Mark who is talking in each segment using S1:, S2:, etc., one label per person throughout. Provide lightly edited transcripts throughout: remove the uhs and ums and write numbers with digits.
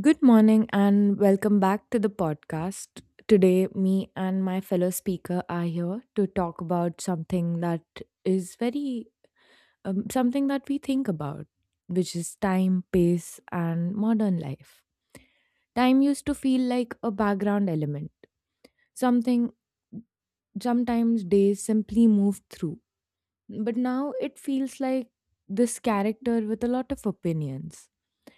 S1: Good morning and welcome back to the podcast. Today, me and my fellow speaker are here to talk about is very something that we think about, which is time, pace, and modern life. Time used to feel like a background element, something sometimes days simply move through, but now it feels like this character with a lot of opinions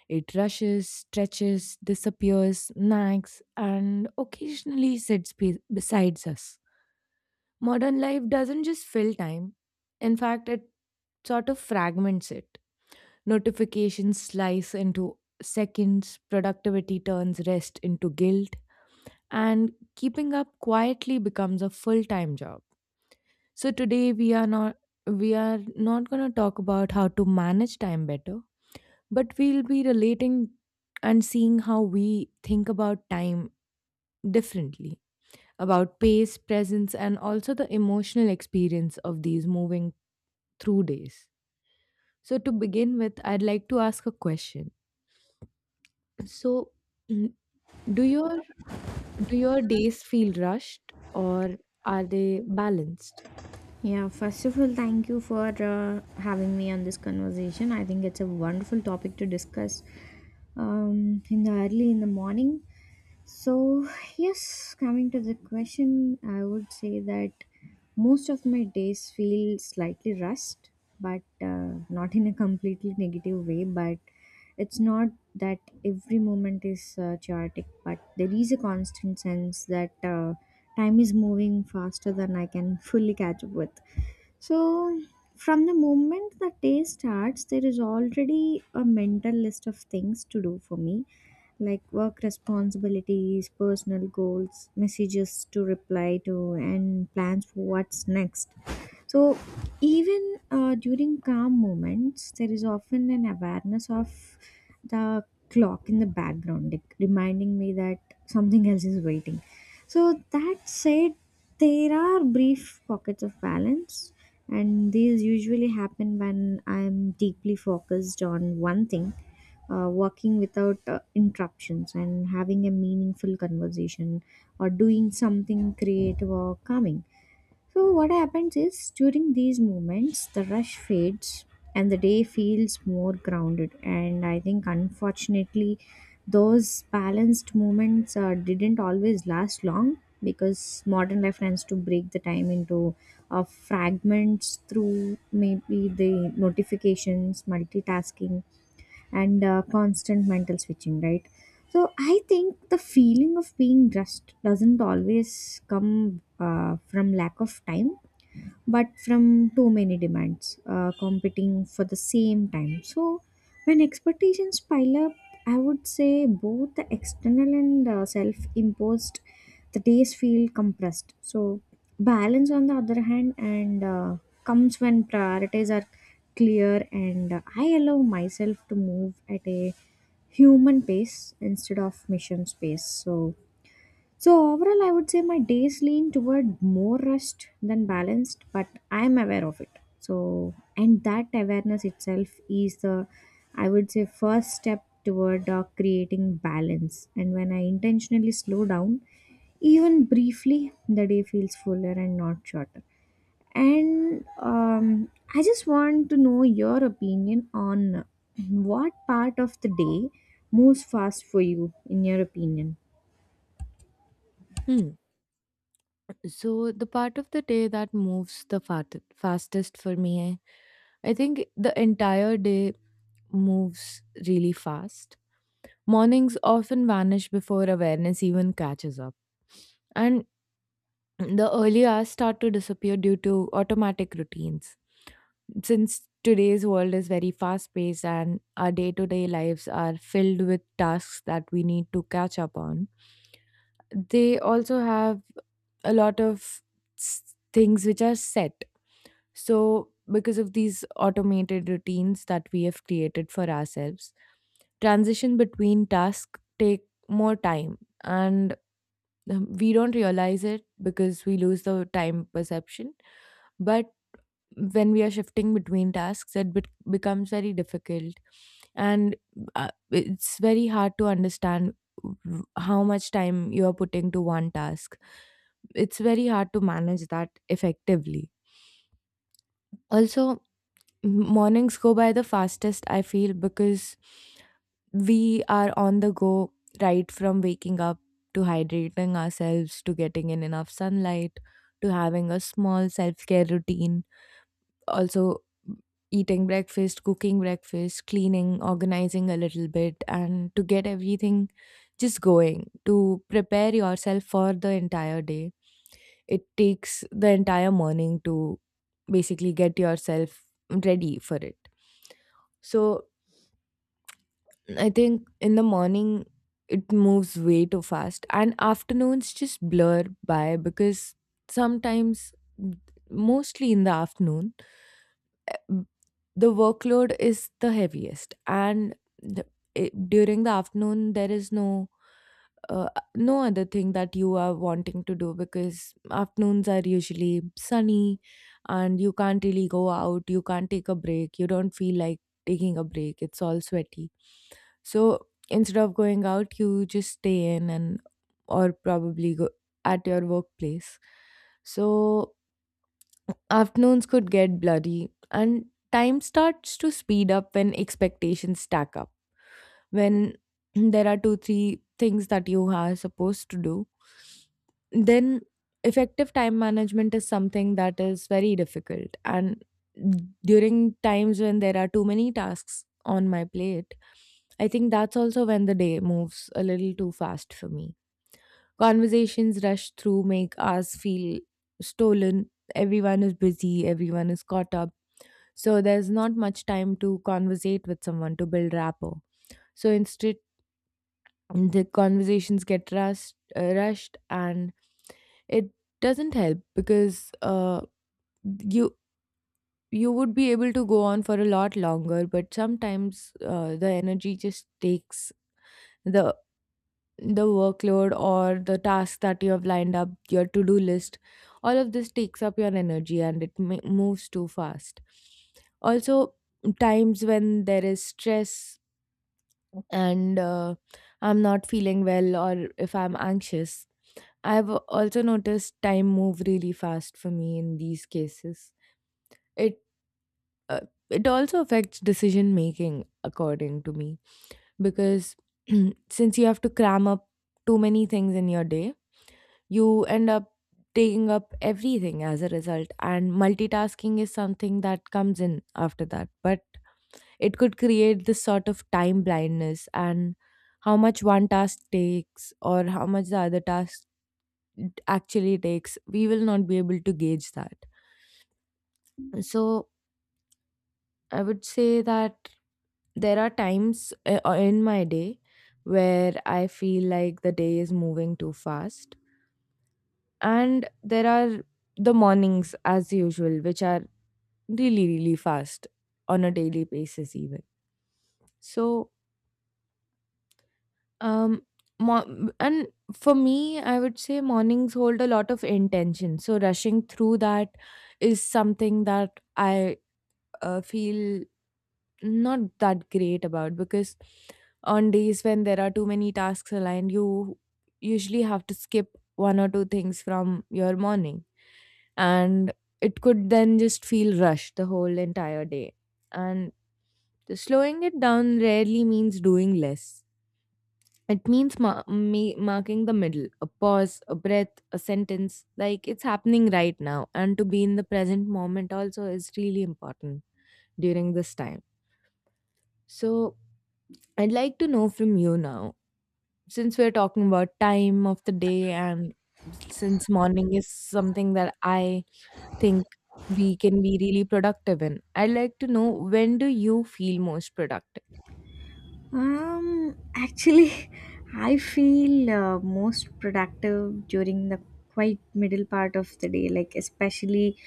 S1: it rushes, stretches, disappears, nags, and occasionally beside us. Modern life doesn't just fill time. In fact, it sort of fragments it. Notifications slice into seconds, productivity turns rest into guilt, and keeping up quietly becomes a full time job. So today we are not going to talk about how to manage time better, but we'll be relating and seeing how we think about time differently, about pace, presence, and also the emotional experience of these moving through days. So, to begin with, I'd like to ask a question. So, mm, do your do your days feel rushed or are they balanced?
S2: Yeah, first of all, thank you for having me on this conversation. I think it's a wonderful topic to discuss in the early in the morning. So, yes, coming to the question, I would say that most of my days feel slightly rushed, but not in a completely negative way. But it's not that every moment is chaotic, but there is a constant sense that time is moving faster than I can fully catch up with so, from the moment the day starts, there is already a mental list of things to do for me, like work responsibilities, personal goals, messages to reply to, and plans for what's next. So, even during calm moments, there is often an awareness of the clock in the background, like reminding me that something else is waiting. So, that said, there are brief pockets of balance, and these usually happen when I'm deeply focused on one thing. Working without interruptions and having a meaningful conversation or doing something creative or calming so, what happens is during these moments, the rush fades and the day feels more grounded. And I think, unfortunately, those balanced moments didn't always last long because modern life tends to break the time into fragments through maybe the notifications, multitasking, and constant mental switching, right? So I think the feeling of being rushed doesn't always come from lack of time but from too many demands competing for the same time. So, when expectations pile up, I would say both the external and self imposed, the days feel compressed. So, balance on the other hand, and comes when priorities are clear and I allow myself to move at a human pace instead of mission space. So, so overall, I would say my days lean toward more rest than balanced, but I am aware of it. So and that awareness itself is the, I would say, first step toward creating balance. And when I intentionally slow down, even briefly, the day feels fuller and not shorter. And I just want to know your opinion on what part of the day moves fast for you, in your opinion.
S1: Hmm. So the part of the day that moves the fastest for me, I think the entire day moves really fast. Mornings often vanish before awareness even catches up, and the early hours start to disappear due to automatic routines. Since today's world is very fast paced and our day to day lives are filled with tasks that we need to catch up on, they also have a lot of things which are set. So, because of these automated routines that we have created for ourselves, transition between tasks take more time, and we don't realize it because we lose the time perception. But when we are shifting between tasks it becomes very difficult, and it's very hard to understand how much time you are putting to one task. It's very hard to manage that effectively. Also, mornings go by the fastest I feel, because we are on the go right from waking up, to hydrating ourselves, to getting in enough sunlight, to having a small self-care routine. Also, eating breakfast, cooking breakfast, cleaning, organizing a little bit, and to get everything just going to prepare yourself for the entire day, it takes the entire morning to basically get yourself ready for it. So I think in the morning it moves way too fast, and afternoons just blur by because sometimes, mostly in the afternoon, uh, the workload is the heaviest, and the, during the afternoon there is uh, no other thing that you are wanting to do, because afternoons are usually sunny and you can't really go out, you can't take a break, you don't feel like taking a break, it's all sweaty. So instead of going out you just stay in, and or probably go at your workplace. So afternoons could get bloody, and time starts to speed up when expectations stack up. When there are two three things that you are supposed to do, then effective time management is something that is very difficult. And during times when there are too many tasks on my plate, I think that's also when the day moves a little too fast for me. Conversations rush through, make us feel stolen. Everyone is busy, everyone is caught up. So there's not much time to conversate with someone to build rapport. So instead the conversations get rushed and it doesn't help, because you you would be able to go on for a lot longer, but sometimes the energy just takes the the workload or the tasks that you have lined up, your to do list, all of this takes up your energy and it moves too fast. Also, times when there is stress and I'm not feeling well, or if I'm anxious. I've also noticed time move really fast for me in these cases. It uh, it also affects decision making according to me, because since you have to cram up too many things in your day, you end up taking up everything as a result, and multitasking is something that comes in after that. But it could create this sort of time blindness, and how much one task takes or how much the other task actually takes, we will not be able to gauge that. So I would say that there are times in my day where I feel like the day is moving too fast. And there are the mornings, as usual, which are really, really fast on a daily basis, even. So, Um, mo- and for me, I would say mornings hold a lot of intention. So rushing through that is something that I feel not that great about, because on days when there are too many tasks aligned, you usually have to skip one or two things from your morning, and it could then just feel rushed the whole entire day. And slowing it down rarely means doing less, it means me marking the middle, a pause, a breath, a sentence, like it's happening right now. And to be in the present moment also is really important during this time. So, I'd like to know from you now, since we're talking about time of the day, and since morning is something that I think we can be really productive in, I'd like to know, when do you feel most productive?
S2: Actually, I feel most productive during the quite middle part of the day, like especially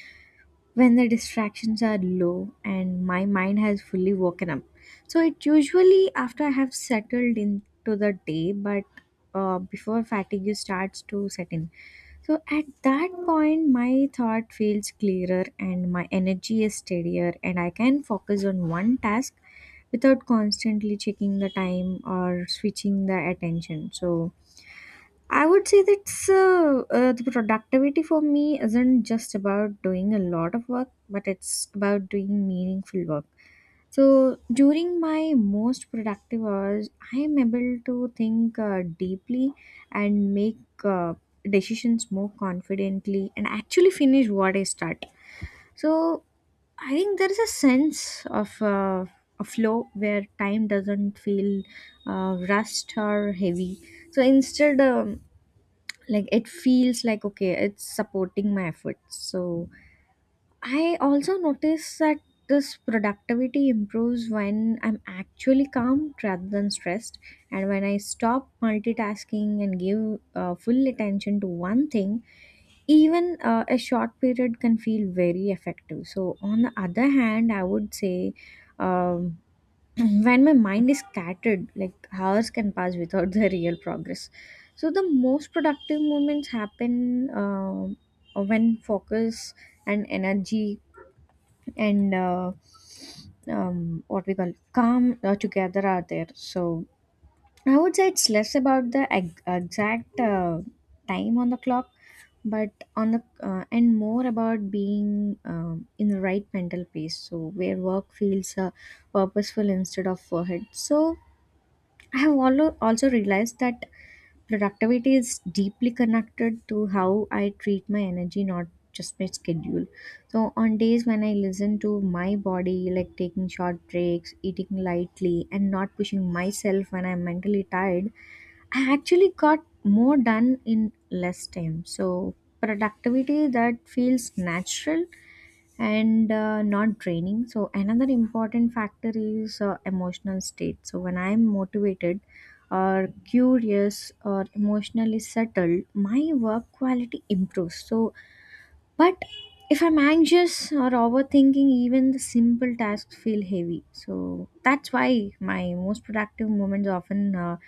S2: when the distractions are low and my mind has fully woken up. So it usually after I have settled into the day, but before fatigue starts to set in. So at that point, my thought feels clearer and my energy is steadier, and I can focus on one task without constantly checking the time or switching the attention. So I would say that's the productivity for me isn't just about doing a lot of work, but it's about doing meaningful work. So during my most productive hours, I am able to think deeply and make uh, decisions more confidently and actually finish what I start. So I think there is a sense of a flow where time doesn't feel rushed or heavy. So instead, like it feels like okay it's supporting my efforts so I also notice that this productivity improves when I'm actually calm rather than stressed and when I stop multitasking and give full attention to one thing even a short period can feel very effective so on the other hand I would say um, when my mind is scattered, like hours can pass without the real progress. So the most productive moments happen when focus and energy and what we call calm together are there. So I would say it's less about the exact time on the clock, but on the and more about being in the right mental pace. So where work feels purposeful instead of forehead. So I have also realized that productivity is deeply connected to how I treat my energy, not just my schedule. So, on days when I listen to my body, like taking short breaks, eating lightly, and not pushing myself when I'm mentally tired, I actually got more done in less time. So, productivity that feels natural and not draining. So, another important factor is emotional state. So, when I'm motivated or curious or emotionally settled, my work quality improves. So, but if I'm anxious or overthinking, even the simple tasks feel heavy. So, that's why my most productive moments often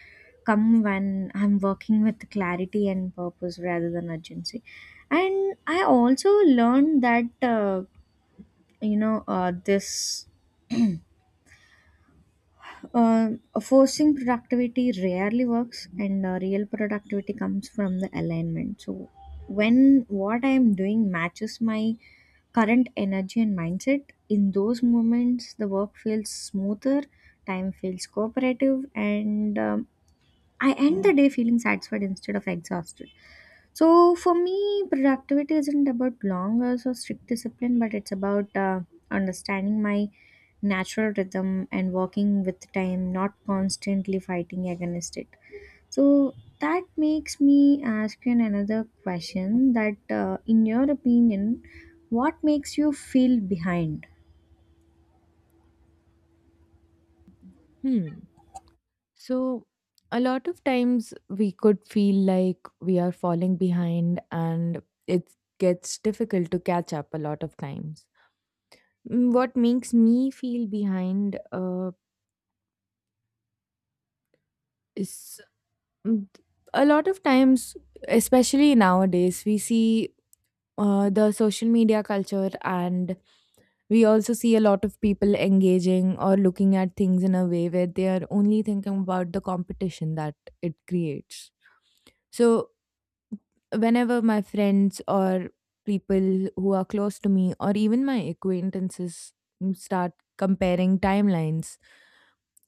S2: come when I'm working with clarity and purpose rather than urgency. And I also learned that. This uh, forcing productivity rarely works and real productivity comes from the alignment so when what I am doing matches my current energy and mindset in those moments the work feels smoother time feels cooperative and I end the day feeling satisfied instead of exhausted So for me, productivity isn't about long hours or strict discipline, but it's about understanding my natural rhythm and working with time, not constantly fighting against it. So that makes me ask you another question: that in your opinion, what makes you feel behind?
S1: Hmm. So, a lot of times we could feel like we are falling behind and it gets difficult to catch up a lot of times. Mm, what makes me feel behind is mm, a lot of times, especially nowadays, we see the social media culture, and we also see a lot of people engaging or looking at things in a way where they are only thinking about the competition that it creates. So whenever my friends or people who are close to me or even my acquaintances start comparing timelines,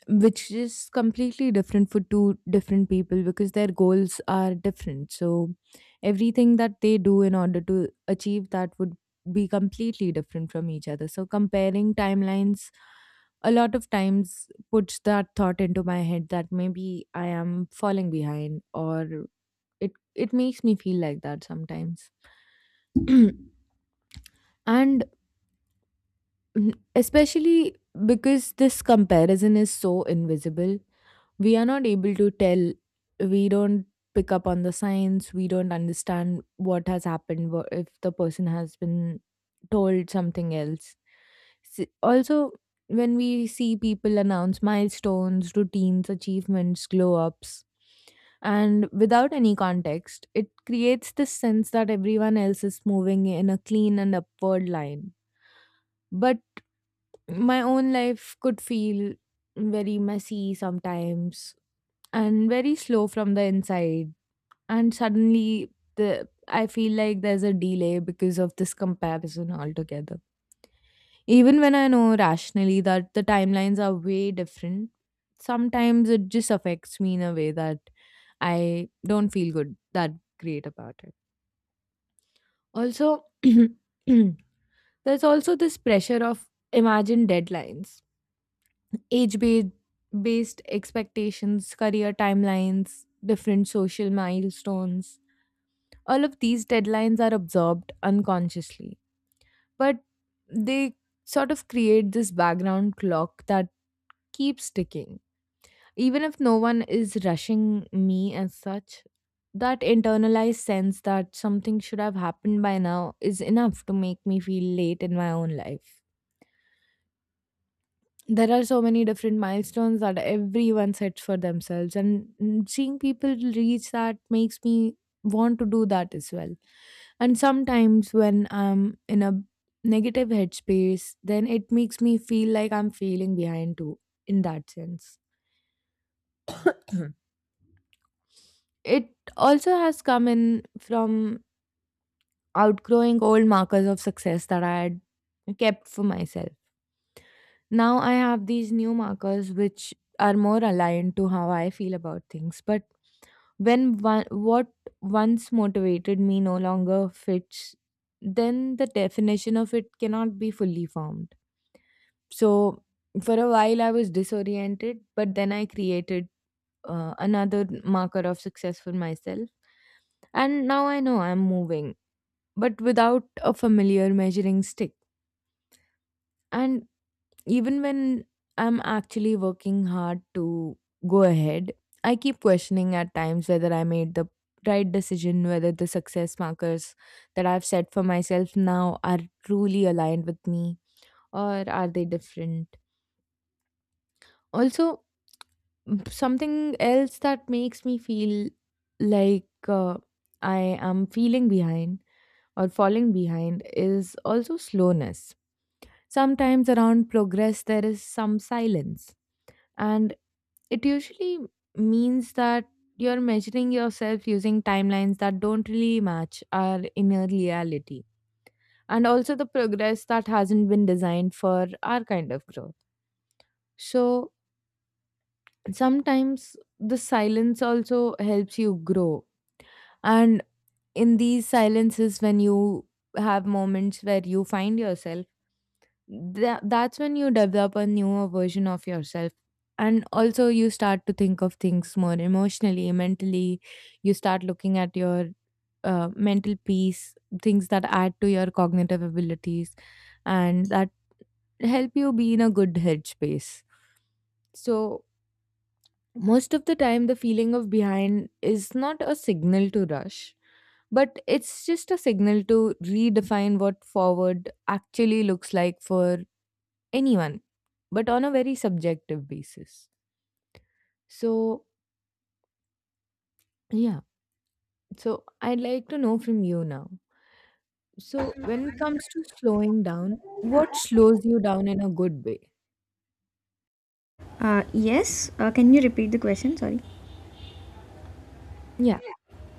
S1: which is completely different for two different people, because their goals are different, so everything that they do in order to achieve that would be completely different from each other. So comparing timelines a lot of times puts that thought into my head, that maybe I am falling behind, or it makes me feel like that sometimes. And especially because this comparison is so invisible, we are not able to tell, we don't pick up on the signs, we don't understand what has happened, if the person has been told something else. Also, when we see people announce milestones, routines, achievements, glow ups, and without any context, it creates this sense that everyone else is moving in a clean and upward line. But my own life could feel very messy sometimes and very slow from the inside. And suddenly, the I feel like there's a delay because of this comparison altogether. Even when I know rationally that the timelines are way different, sometimes it just affects me in a way that I don't feel good that great about it. Also, there's also this pressure of imagined deadlines, age ba- based expectations, career timelines, different social milestones. All of these deadlines are absorbed unconsciously, but they sort of create this background clock that keeps ticking. Even if no one is rushing me as such, that internalized sense that something should have happened by now is enough to make me feel late in my own life. There are so many different milestones that everyone sets for themselves, and seeing people reach that makes me want to do that as well. And sometimes when I'm in a negative headspace, then it makes me feel like I'm failing behind too, in that sense. It also has come in from outgrowing old markers of success that I had kept for myself. Now I have these new markers which are more aligned to how I feel about things. But when one, what once motivated me no longer fits, then the definition of it cannot be fully formed. So for a while I was disoriented, but then I created another marker of success for myself. And now I know I'm moving, but without a familiar measuring stick. And even when I'm actually working hard to go ahead, I keep questioning at times whether I made the right decision, whether the success markers that I've set for myself now are truly aligned with me, or are they different. Also, something else that makes me feel like I am feeling behind or falling behind is also slowness. Sometimes around progress, there is some silence, and it usually means that you're measuring yourself using timelines that don't really match our inner reality, and also the progress that hasn't been designed for our kind of growth. So sometimes the silence also helps you grow. And in these silences, when you have moments where you find yourself, that's when you develop a newer version of yourself. And also, you start to think of things more emotionally, mentally. You start looking at your mental peace, things that add to your cognitive abilities, and that help you be in a good headspace. So, most of the time, the feeling of behind is not a signal to rush, but it's just a signal to redefine what forward actually looks like for anyone, but on a very subjective basis. So, yeah, so I'd like to know from you now. So, when it comes to slowing down, what slows you down in a good way?
S2: Yes. Can you repeat the question? Sorry.
S1: Yeah.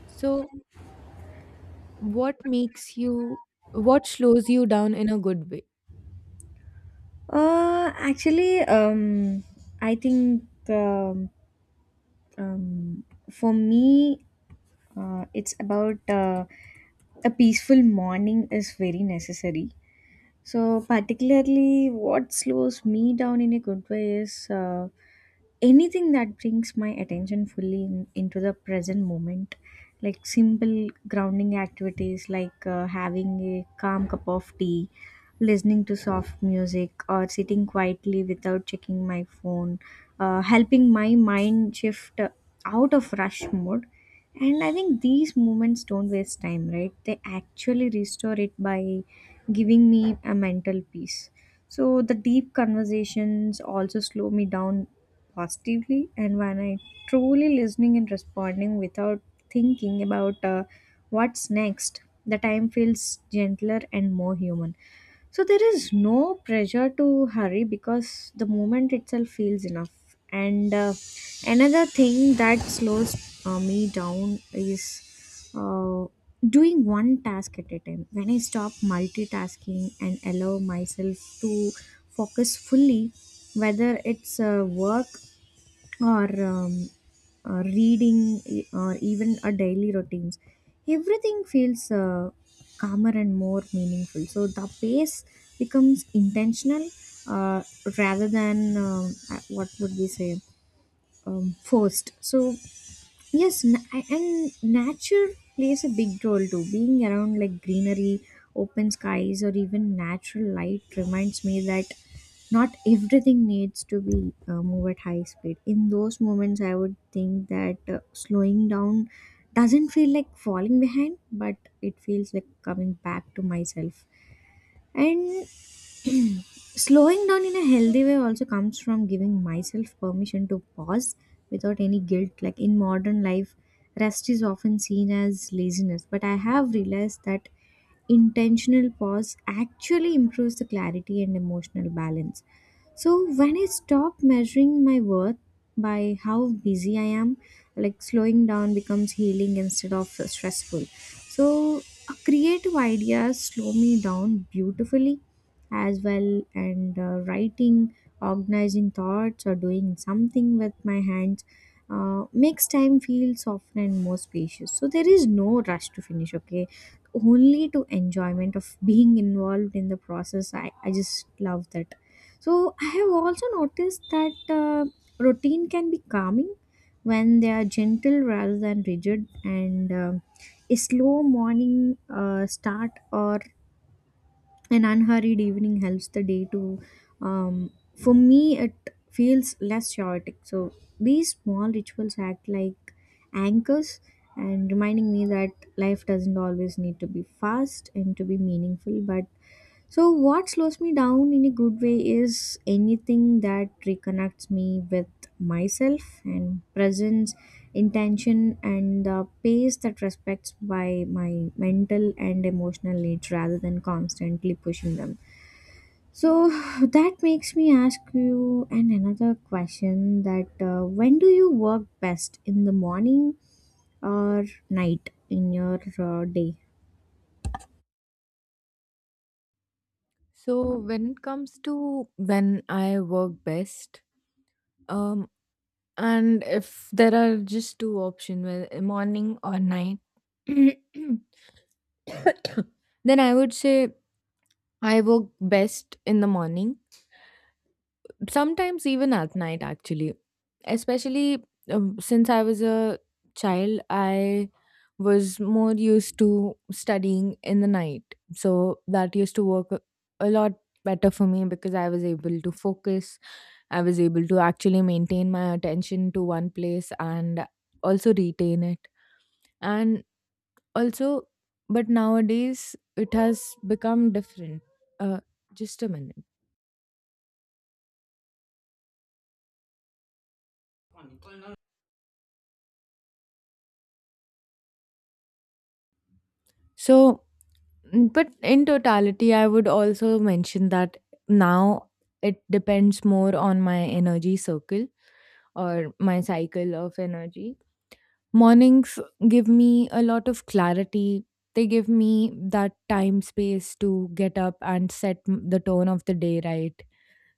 S1: So, what makes you, what slows you down in a good way?
S2: Actually, I think um, for me, it's about a peaceful morning is very necessary so, particularly, what slows me down in a good way is anything that brings my attention fully in, into the present moment. Like simple grounding activities like having a calm cup of tea, listening to soft music, or sitting quietly without checking my phone, helping my mind shift out of rush mode. And I think these moments don't waste time, right? They actually restore it by giving me a mental peace. So the deep conversations also slow me down positively, and when I truly listening and responding without thinking about what's next, the time feels gentler and more human. So there is no pressure to hurry because the moment itself feels enough. And another thing that slows me down is doing one task at a time. When I stop multitasking and allow myself to focus fully, whether it's work or reading or even a daily routines everything feels calmer and more meaningful so the pace becomes intentional uh, rather than what would we say forced so yes and nature plays a big role too being around like greenery open skies or even natural light reminds me that not everything needs to be move at high speed in those moments I would think that slowing down doesn't feel like falling behind but it feels like coming back to myself and slowing down in a healthy way also comes from giving myself permission to pause without any guilt like in modern life rest is often seen as laziness but I have realized that intentional pause actually improves the clarity and emotional balance so when I stop measuring my worth by how busy I am, like slowing down becomes healing instead of stressful. So creative ideas slow me down beautifully as well, and writing, organizing thoughts, or doing something with my hands. Makes time feel softer and more spacious so there is no rush to finish okay only to enjoyment of being involved in the process I just love that so I have also noticed that routine can be calming when they are gentle rather than rigid, and a slow morning start or an unhurried evening helps the day to. Um, for me, it feels less chaotic. So these small rituals act like anchors and reminding me that life doesn't always need to be fast and to be meaningful, but so, what slows me down in a good way is anything that reconnects me with myself and presence, intention, and the pace that respects by my mental and emotional needs rather than constantly pushing them. So, that makes me ask you and another question that when do you work best in the morning or night in your day?
S1: So when it comes to when I work best, um, and if there are just two options, well, morning or night, then I would say I work best in the morning. Sometimes even at night, actually, especially since I was a child, I was more used to studying in the night, so that used to work a lot better for me because I was able to focus. I was able to actually maintain my attention to one place and also retain it. And also, but nowadays it has become different. Uh, just a minute. So, but in totality, I would also mention that now it depends more on my energy circle, or my cycle of energy. Mornings give me a lot of clarity. They give me that time space to get up and set the tone of the day right.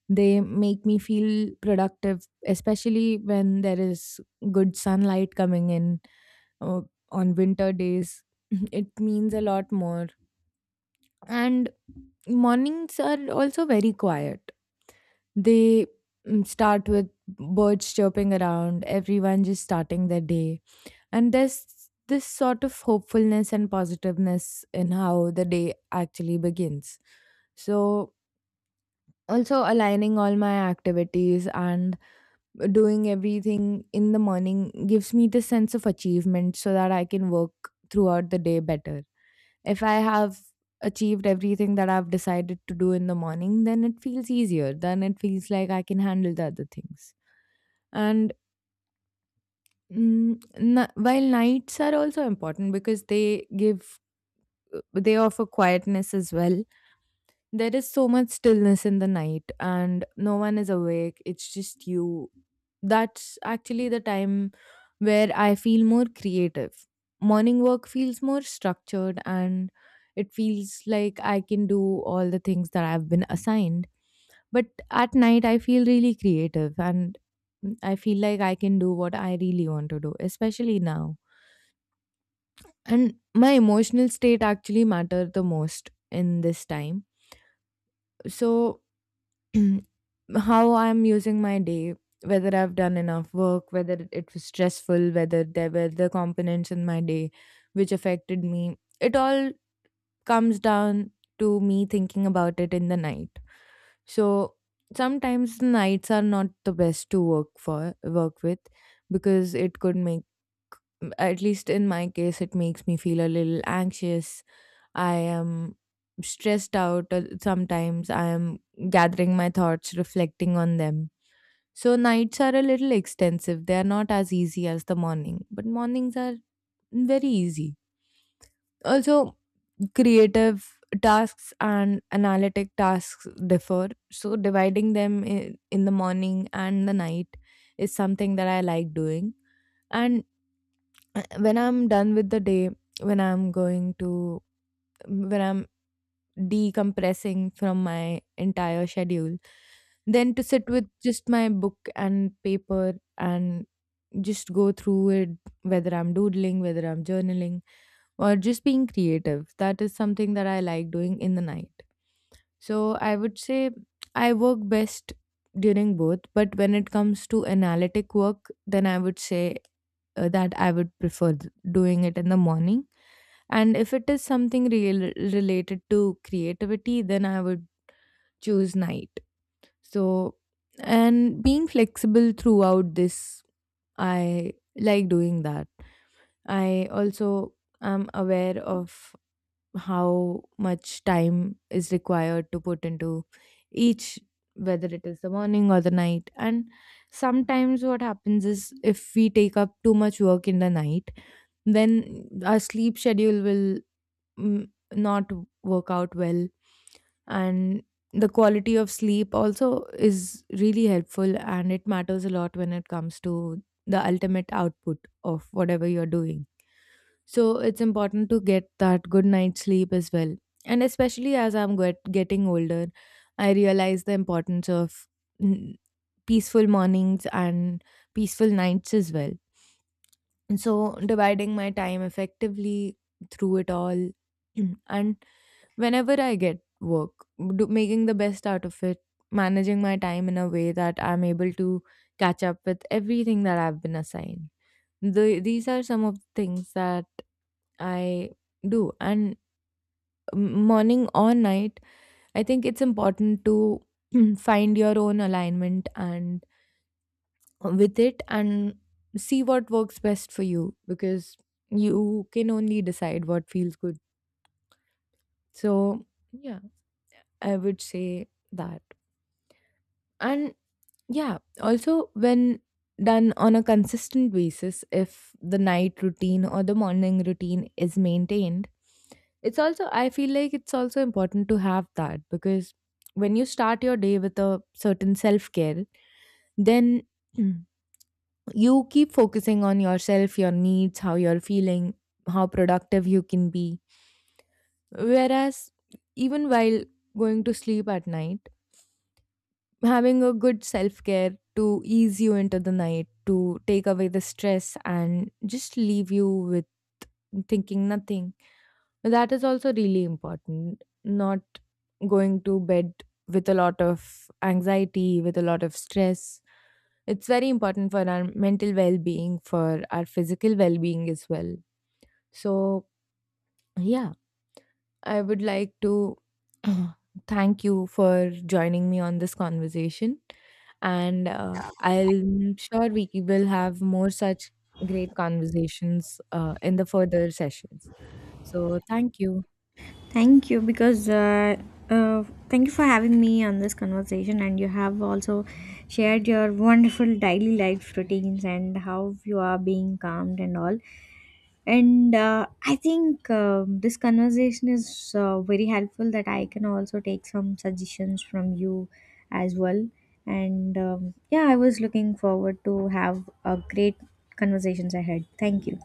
S1: They make me feel productive, especially when there is good sunlight coming in uh, on winter days. It means a lot more. And mornings are also very quiet. They start with birds chirping around, everyone just starting their day, and there's this sort of hopefulness and positiveness in how the day actually begins. So, also aligning all my activities and doing everything in the morning gives me this sense of achievement so that I can work throughout the day better. If I have achieved everything that I've decided to do in the morning, then it feels easier. Then it feels like I can handle the other things. And while nights are also important because they give they offer quietness as well. There is so much stillness in the night and no one is awake. It's just you. That's actually the time where I feel more creative. Morning work feels more structured and it feels like I can do all the things that I've been assigned. But at night, I feel really creative and I feel like I can do what I really want to do, especially now. And my emotional state actually matter the most in this time. So, how I'm using my day, whether I've done enough work, whether it was stressful, whether there were the components in my day which affected me, it all comes down to me thinking about it in the night. So sometimes the nights are not the best to work with, because it could make, at least in my case, it makes me feel a little anxious. I am stressed out sometimes. I am gathering my thoughts, reflecting on them. So nights are a little extensive. They are not as easy as the morning, but mornings are very easy. Also, creative tasks and analytic tasks differ. So dividing them in the morning and the night is something that I like doing. And when I'm done with the day, when I'm going to, when I'm decompressing from my entire schedule, then to sit with just my book and paper and just go through it, whether I'm doodling, whether I'm journaling, or just being creative. That is something that I like doing in the night. So I would say I work best during both, but when it comes to analytic work, then I would say that I would prefer doing it in the morning. And if it is something real related to creativity, then I would choose night. So, and being flexible throughout this, I like doing that. I also am aware of how much time is required to put into each, whether it is the morning or the night, and sometimes what happens is if we take up too much work in the night, then our sleep schedule will, not work out well, and the quality of sleep also is really helpful and it matters a lot when it comes to the ultimate output of whatever you're doing, so it's important to get that good night's sleep as well. And especially as I'm getting older, I realize the importance of mm, peaceful mornings and peaceful nights as well. And so dividing my time effectively through it all, and whenever I get work, making the best out of it, managing my time in a way that I'm able to catch up with everything that I've been assigned, these are some of the things that I do. And morning or night, I think it's important to find your own alignment and with it and see what works best for you, because you can only decide what feels good. So, yeah, I would say that. And yeah, also when done on a consistent basis, if the night routine or the morning routine is maintained, it's also, I feel like it's also important to have that, because when you start your day with a certain self care, then, Mm, you keep focusing on yourself, your needs, how you're feeling, how productive you can be. Whereas, even while going to sleep at night, having a good self care to ease you into the night, to take away the stress, and just leave you with thinking nothing, that is also really important. Not going to bed with a lot of anxiety, with a lot of stress. It's very important for our mental well being, for our physical well being as well. So, yeah, I would like to thank you for joining me on this conversation. And I'm sure we will have more such great conversations in the further sessions. So, thank you.
S2: Thank you because thank you for having me on this conversation, and you have also shared your wonderful daily life routines and how you are being calmed and all. And I think this conversation is very helpful that I can also take some suggestions from you as well. And yeah, I was looking forward to have a great conversations ahead. Thank you.